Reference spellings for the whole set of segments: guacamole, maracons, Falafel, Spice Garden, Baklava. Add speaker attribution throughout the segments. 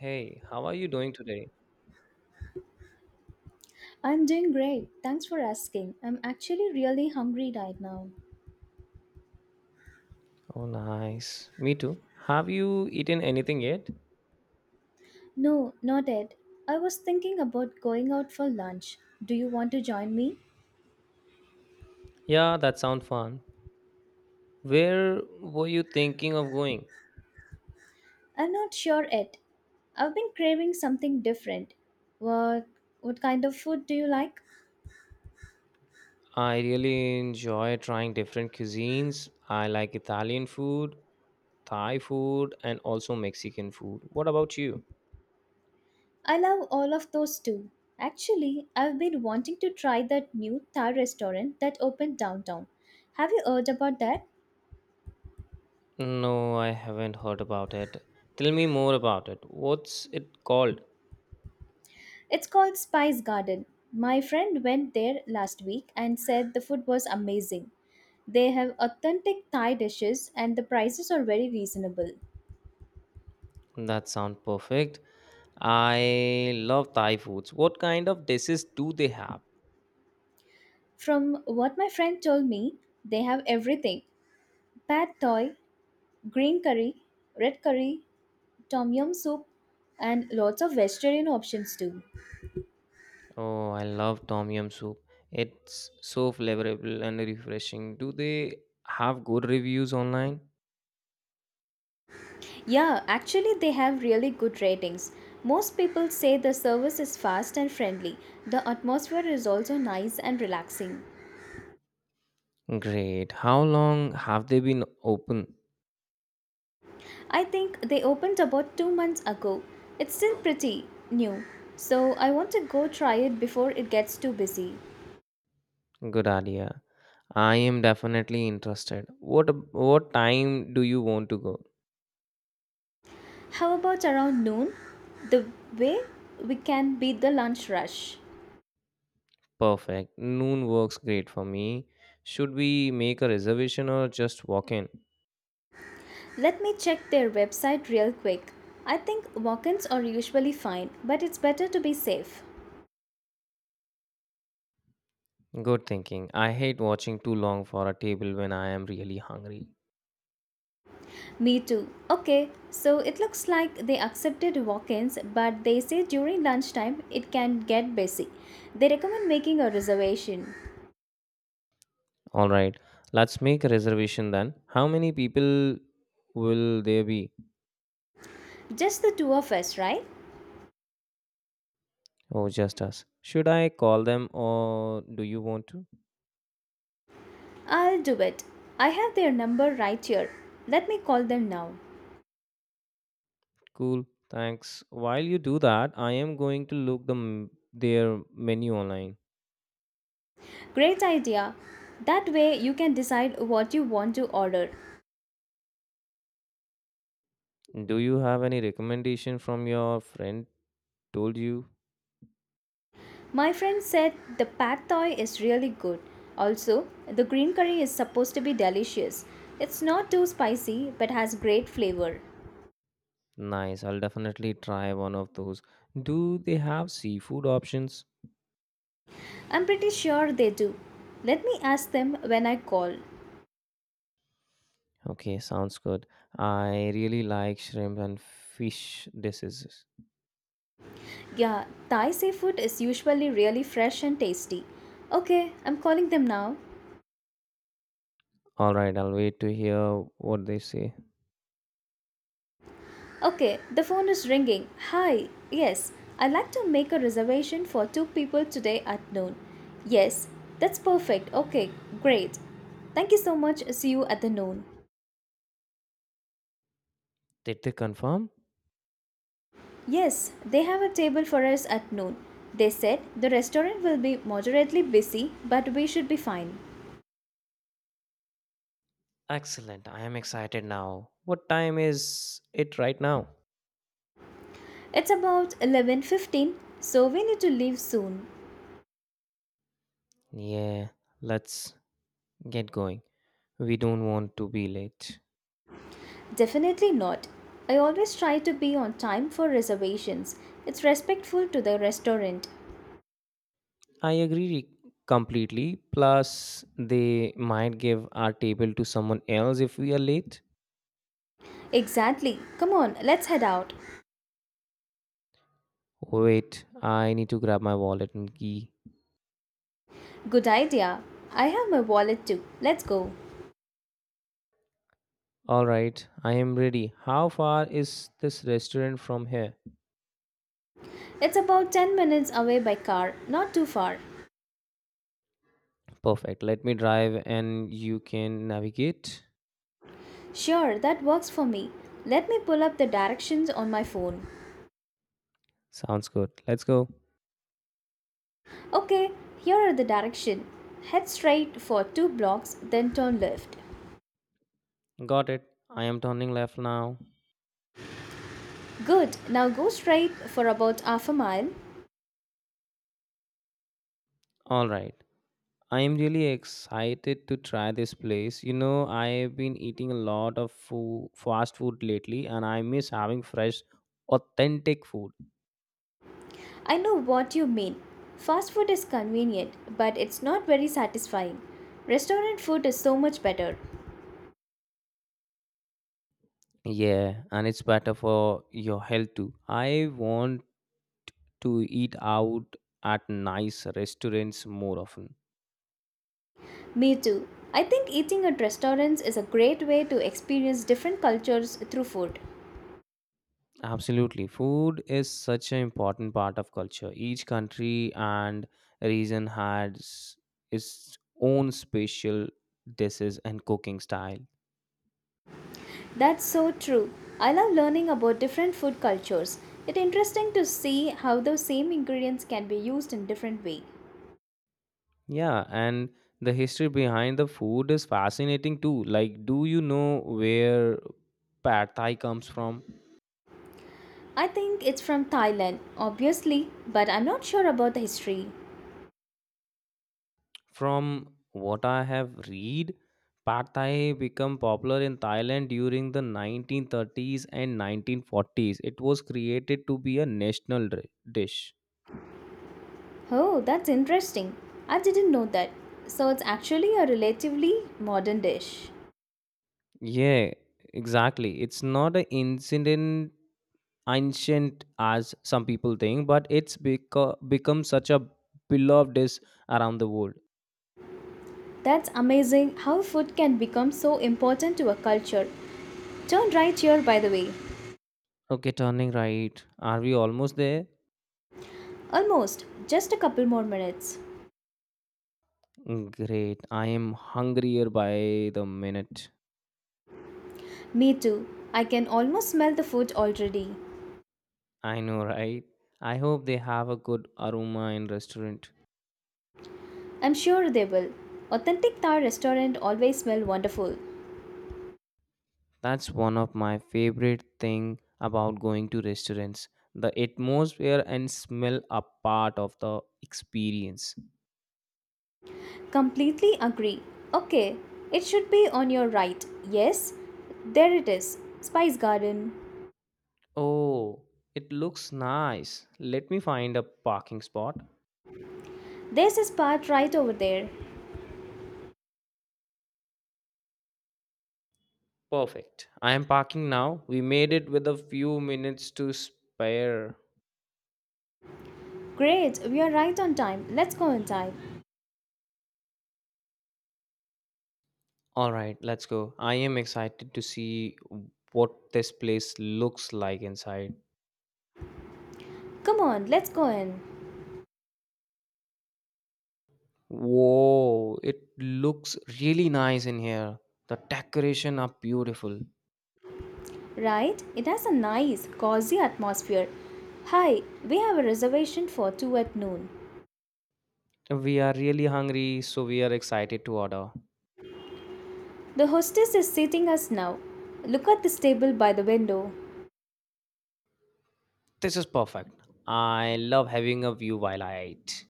Speaker 1: Hey, how are you doing today?
Speaker 2: I'm doing great. Thanks for asking. I'm actually really hungry right now.
Speaker 1: Oh, nice. Me too. Have you eaten anything yet?
Speaker 2: No, not yet. I was thinking about going out for lunch. Do you want to join me?
Speaker 1: Yeah, that sounds fun. Where were you thinking of going?
Speaker 2: I'm not sure yet. I've been craving something different. What what kind of food do you like?
Speaker 1: I really enjoy trying different cuisines. I like Italian food, Thai food, and also Mexican food. What about you?
Speaker 2: I love all of those too. Actually, I've been wanting to try that new Thai restaurant that opened downtown. Have you heard about that?
Speaker 1: No, I haven't heard about it. Tell me more about it. What's it called?
Speaker 2: It's called Spice Garden. My friend went there last week and said the food was amazing. They have authentic Thai dishes and the prices are very reasonable.
Speaker 1: That sounds perfect. I love Thai foods. What kind of dishes do they have?
Speaker 2: From what my friend told me, they have everything: pad thai, green curry, red curry, tom yum soup, and lots of vegetarian options too.
Speaker 1: Oh, I love tom yum soup. It's so flavorful and refreshing. Do they have good reviews online?
Speaker 2: Yeah, actually, they have really good ratings. Most people say the service is fast and friendly. The atmosphere is also nice and relaxing.
Speaker 1: Great. How long have they been open?
Speaker 2: I think they opened about 2 months ago. It's still pretty new, so I want to go try it before it gets too busy.
Speaker 1: Good idea. I am definitely interested. What time do you want to go?
Speaker 2: How about around noon? The way we can beat the lunch rush.
Speaker 1: Perfect. Noon works great for me. Should we make a reservation or just walk in?
Speaker 2: Let me check their website real quick. I think walk ins are usually fine, but it's better to be safe.
Speaker 1: Good thinking. I hate watching too long for a table when I am really hungry.
Speaker 2: Me too. Okay, so it looks like they accepted walk ins, but they say during lunchtime it can get busy. They recommend making a reservation.
Speaker 1: All right, let's make a reservation then. How many people will there be?
Speaker 2: Just the two of us, right?
Speaker 1: Oh, just us. Should I call them or do you want to?
Speaker 2: I'll do it. I have their number right here. Let me call them now.
Speaker 1: Cool, thanks. While you do that, I am going to look their menu online.
Speaker 2: Great idea. That way you can decide what you want to order.
Speaker 1: Do you have any recommendation from your friend told you?
Speaker 2: My friend said the pad thai is really good. Also, the green curry is supposed to be delicious. It's not too spicy but has great flavor.
Speaker 1: Nice, I'll definitely try one of those. Do they have seafood options?
Speaker 2: I'm pretty sure they do. Let me ask them when I call.
Speaker 1: Okay, sounds good. I really like shrimp and fish dishes.
Speaker 2: Yeah, Thai seafood is usually really fresh and tasty. Okay, I'm calling them now.
Speaker 1: All right, I'll wait to hear what they say.
Speaker 2: Okay, the phone is ringing. Hi, yes, I'd like to make a reservation for two people today at noon. Yes, that's perfect. Okay, great. Thank you so much. See you at the noon.
Speaker 1: Did they confirm?
Speaker 2: Yes, they have a table for us at noon. They said the restaurant will be moderately busy, but we should be fine.
Speaker 1: Excellent. I am excited now. What time is it right now?
Speaker 2: It's about 11:15, so we need to leave soon.
Speaker 1: Yeah, let's get going. We don't want to be late.
Speaker 2: Definitely not. I always try to be on time for reservations. It's respectful to the restaurant.
Speaker 1: I agree completely. Plus, they might give our table to someone else if we are late.
Speaker 2: Exactly. Come on, let's head out.
Speaker 1: Wait, I need to grab my wallet and key.
Speaker 2: Good idea. I have my wallet too. Let's go.
Speaker 1: All right, I am ready. How far is this restaurant from here?
Speaker 2: It's about 10 minutes away by car, not too far.
Speaker 1: Perfect. Let me drive and you can navigate.
Speaker 2: Sure, that works for me. Let me pull up the directions on my phone.
Speaker 1: Sounds good. Let's go.
Speaker 2: Okay, here are the directions. Head straight for two blocks, then turn left.
Speaker 1: Got it. I am turning left now.
Speaker 2: Good, now go straight for about half a mile.
Speaker 1: All right. I am really excited to try this place. You know, I've been eating a lot of food, fast food lately and I miss having fresh, authentic food.
Speaker 2: I know what you mean. Fast food is convenient, but it's not very satisfying. Restaurant food is so much better.
Speaker 1: Yeah, and it's better for your health too. I want to eat out at nice restaurants more often.
Speaker 2: Me too. I think eating at restaurants is a great way to experience different cultures through food.
Speaker 1: Absolutely. Food is such an important part of culture. Each country and region has its own special dishes and cooking style.
Speaker 2: That's so true. I love learning about different food cultures. It's interesting to see how those same ingredients can be used in different way.
Speaker 1: Yeah, and the history behind the food is fascinating too. Like, do you know where pad thai comes from?
Speaker 2: I think it's from Thailand, obviously, but I'm not sure about the history.
Speaker 1: From what I have read, pad thai became popular in Thailand during the 1930s and 1940s. It was created to be a national dish.
Speaker 2: Oh, that's interesting. I didn't know that. So it's actually a relatively modern dish.
Speaker 1: Yeah, exactly. It's not an incident ancient as some people think, but it's become such a beloved dish around the world.
Speaker 2: That's amazing how food can become so important to a culture. Turn right here, by the way.
Speaker 1: Okay, turning right. Are we almost there?
Speaker 2: Almost. Just a couple more minutes.
Speaker 1: Great. I am hungrier by the minute.
Speaker 2: Me too. I can almost smell the food already.
Speaker 1: I know, right? I hope they have a good aroma in restaurant.
Speaker 2: I'm sure they will. Authentic Thai restaurant always smell wonderful.
Speaker 1: That's one of my favorite thing about going to restaurants. The atmosphere and smell are part of the experience.
Speaker 2: Completely agree. Okay, it should be on your right. Yes, there it is. Spice Garden.
Speaker 1: Oh, it looks nice. Let me find a parking spot.
Speaker 2: There's a spot right over there.
Speaker 1: Perfect. I am parking now. We made it with a few minutes to spare.
Speaker 2: Great, we are right on time. Let's go inside.
Speaker 1: All right, let's go. I am excited to see what this place looks like inside.
Speaker 2: Come on, let's go in.
Speaker 1: Whoa, it looks really nice in here. The decoration are beautiful.
Speaker 2: Right? It has a nice, cozy atmosphere. Hi, we have a reservation for 2 at noon.
Speaker 1: We are really hungry, so we are excited to order.
Speaker 2: The hostess is seating us now. Look at this table by the window.
Speaker 1: This is perfect. I love having a view while I eat.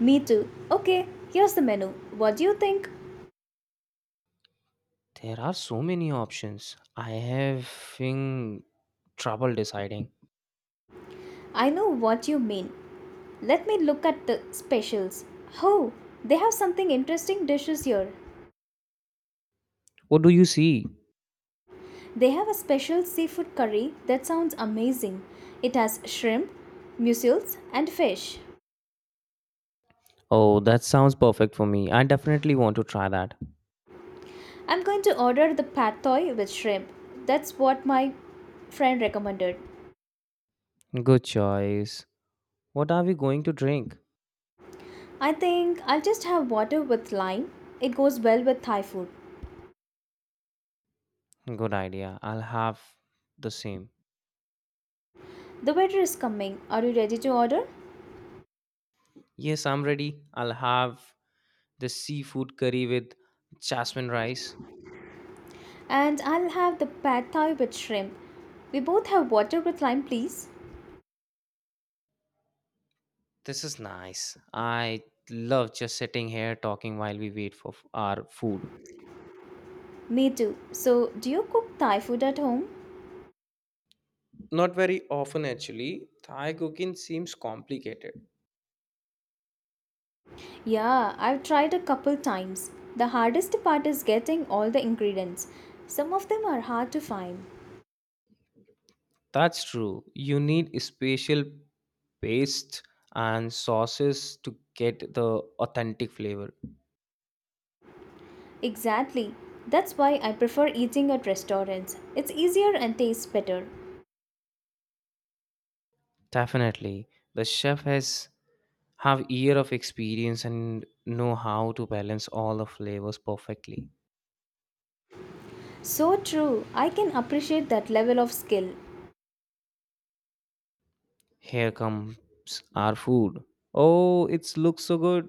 Speaker 2: Me too. Okay, here's the menu. What do you think?
Speaker 1: There are so many options. I having trouble deciding.
Speaker 2: I know what you mean. Let me look at the specials. Oh, they have something interesting dishes here.
Speaker 1: What do you see?
Speaker 2: They have a special seafood curry that sounds amazing. It has shrimp, mussels, and fish.
Speaker 1: Oh, that sounds perfect for me. I definitely want to try that.
Speaker 2: I'm going to order the pad thai with shrimp. That's what my friend recommended.
Speaker 1: Good choice. What are we going to drink?
Speaker 2: I think I'll just have water with lime. It goes well with Thai food.
Speaker 1: Good idea. I'll have the same.
Speaker 2: The waiter is coming. Are you ready to order?
Speaker 1: Yes, I'm ready. I'll have the seafood curry with jasmine rice.
Speaker 2: And I'll have the pad thai with shrimp. We both have water with lime, please.
Speaker 1: This is nice. I love just sitting here talking while we wait for our food.
Speaker 2: Me too. So, do you cook Thai food at home?
Speaker 1: Not very often, actually. Thai cooking seems complicated.
Speaker 2: Yeah, I've tried a couple times. The hardest part is getting all the ingredients. Some of them are hard to find.
Speaker 1: That's true. You need special paste and sauces to get the authentic flavor.
Speaker 2: Exactly. That's why I prefer eating at restaurants. It's easier and tastes better.
Speaker 1: Definitely. The chef has have year of experience and know how to balance all the flavors perfectly.
Speaker 2: So true. I can appreciate that level of skill.
Speaker 1: Here comes our food. Oh, it looks so good.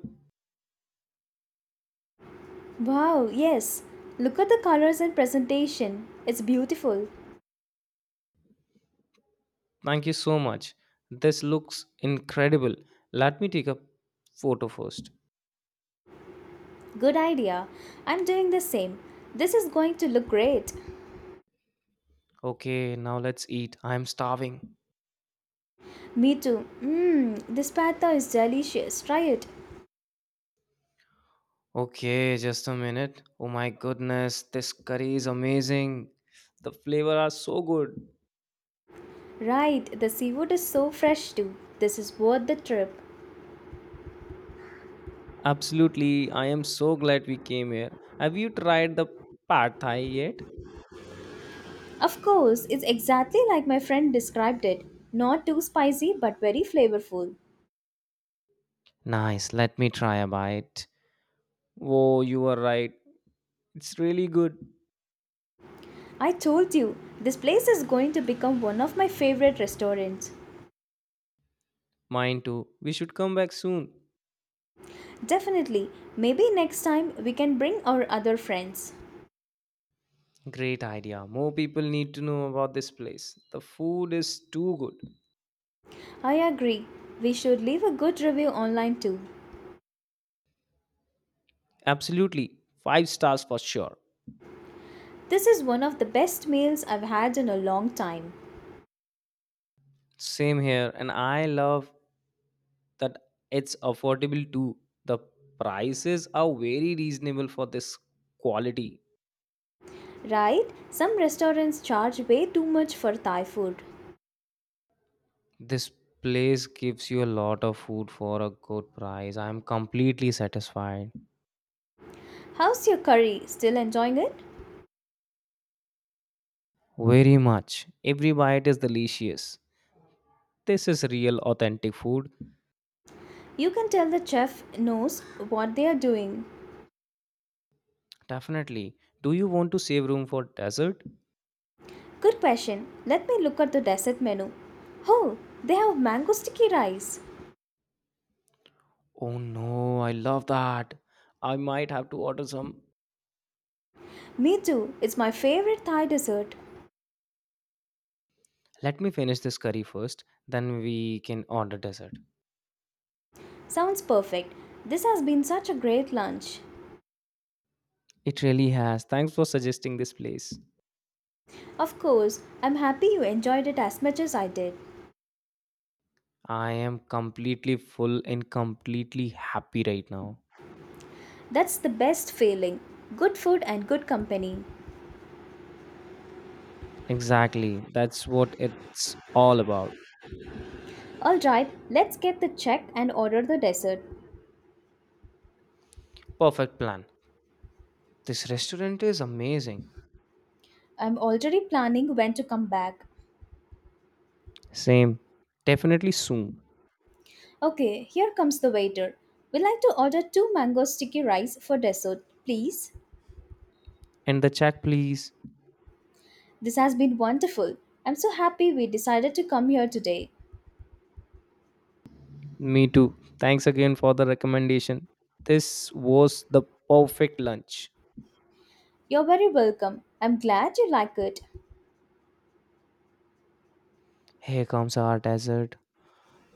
Speaker 2: Wow, yes. Look at the colors and presentation. It's beautiful.
Speaker 1: Thank you so much. This looks incredible. Let me take a photo first.
Speaker 2: Good idea. I'm doing the same. This is going to look great.
Speaker 1: Okay, now let's eat. I'm starving.
Speaker 2: Me too. Mmm, this pata is delicious. Try it.
Speaker 1: Okay, just a minute. Oh my goodness, this curry is amazing. The flavor are so good.
Speaker 2: Right, the seafood is so fresh too. This is worth the trip.
Speaker 1: Absolutely, I am so glad we came here. Have you tried the pad thai yet?
Speaker 2: Of course, it's exactly like my friend described it. Not too spicy, but very flavorful.
Speaker 1: Nice, let me try a bite. Whoa, you are right. It's really good.
Speaker 2: I told you, this place is going to become one of my favorite restaurants.
Speaker 1: Mine too. We should come back soon.
Speaker 2: Definitely, maybe next time we can bring our other friends.
Speaker 1: Great idea. More people need to know about this place. The food is too good.
Speaker 2: I agree, we should leave a good review online too.
Speaker 1: Absolutely. Five stars for sure.
Speaker 2: This is one of the best meals I've had in a long time.
Speaker 1: Same here, and I love that it's affordable too. The prices are very reasonable for this quality.
Speaker 2: Right? Some restaurants charge way too much for Thai food.
Speaker 1: This place gives you a lot of food for a good price. I'm completely satisfied.
Speaker 2: How's your curry? Still enjoying it?
Speaker 1: Very much. Every bite is delicious. This is real, authentic food.
Speaker 2: You can tell the chef knows what they are doing.
Speaker 1: Definitely. Do you want to save room for dessert?
Speaker 2: Good question. Let me look at the dessert menu. Oh, they have mango sticky rice.
Speaker 1: Oh no, I love that. I might have to order some.
Speaker 2: Me too. It's my favorite Thai dessert.
Speaker 1: Let me finish this curry first, then we can order dessert.
Speaker 2: Sounds perfect. This has been such a great lunch.
Speaker 1: It really has. Thanks for suggesting this place.
Speaker 2: Of course, I'm happy you enjoyed it as much as I did.
Speaker 1: I am completely full and completely happy right now.
Speaker 2: That's the best feeling. Good food and good company.
Speaker 1: Exactly. That's what it's all about.
Speaker 2: Alright, let's get the check and order the dessert.
Speaker 1: Perfect plan. This restaurant is amazing.
Speaker 2: I'm already planning when to come back.
Speaker 1: Same. Definitely soon.
Speaker 2: Okay, here comes the waiter. We'd like to order two mango sticky rice for dessert, please.
Speaker 1: And the check, please.
Speaker 2: This has been wonderful. I'm so happy we decided to come here today.
Speaker 1: Me too. Thanks again for the recommendation. This was the perfect lunch.
Speaker 2: You're very welcome. I'm glad you like it.
Speaker 1: Here comes our dessert.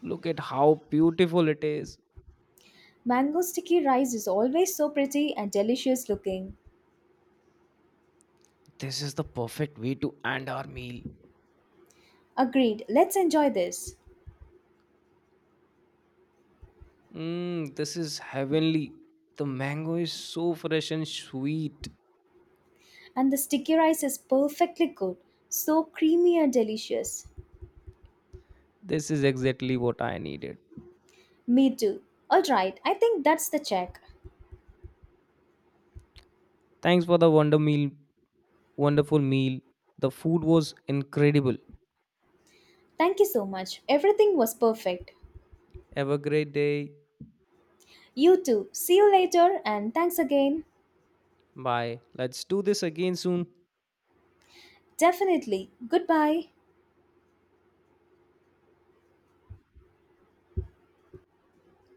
Speaker 1: Look at how beautiful it is.
Speaker 2: Mango sticky rice is always so pretty and delicious looking.
Speaker 1: This is the perfect way to end our meal.
Speaker 2: Agreed, let's enjoy this.
Speaker 1: Mm, this is heavenly. The mango is so fresh and sweet.
Speaker 2: And the sticky rice is perfectly good, so creamy and delicious.
Speaker 1: This is exactly what I needed.
Speaker 2: Me too. Alright, I think that's the check.
Speaker 1: Thanks for the wonderful meal. The food was incredible.
Speaker 2: Thank you so much. Everything was perfect.
Speaker 1: Have a great day.
Speaker 2: You too. See you later and thanks again.
Speaker 1: Bye. Let's do this again soon.
Speaker 2: Definitely. Goodbye.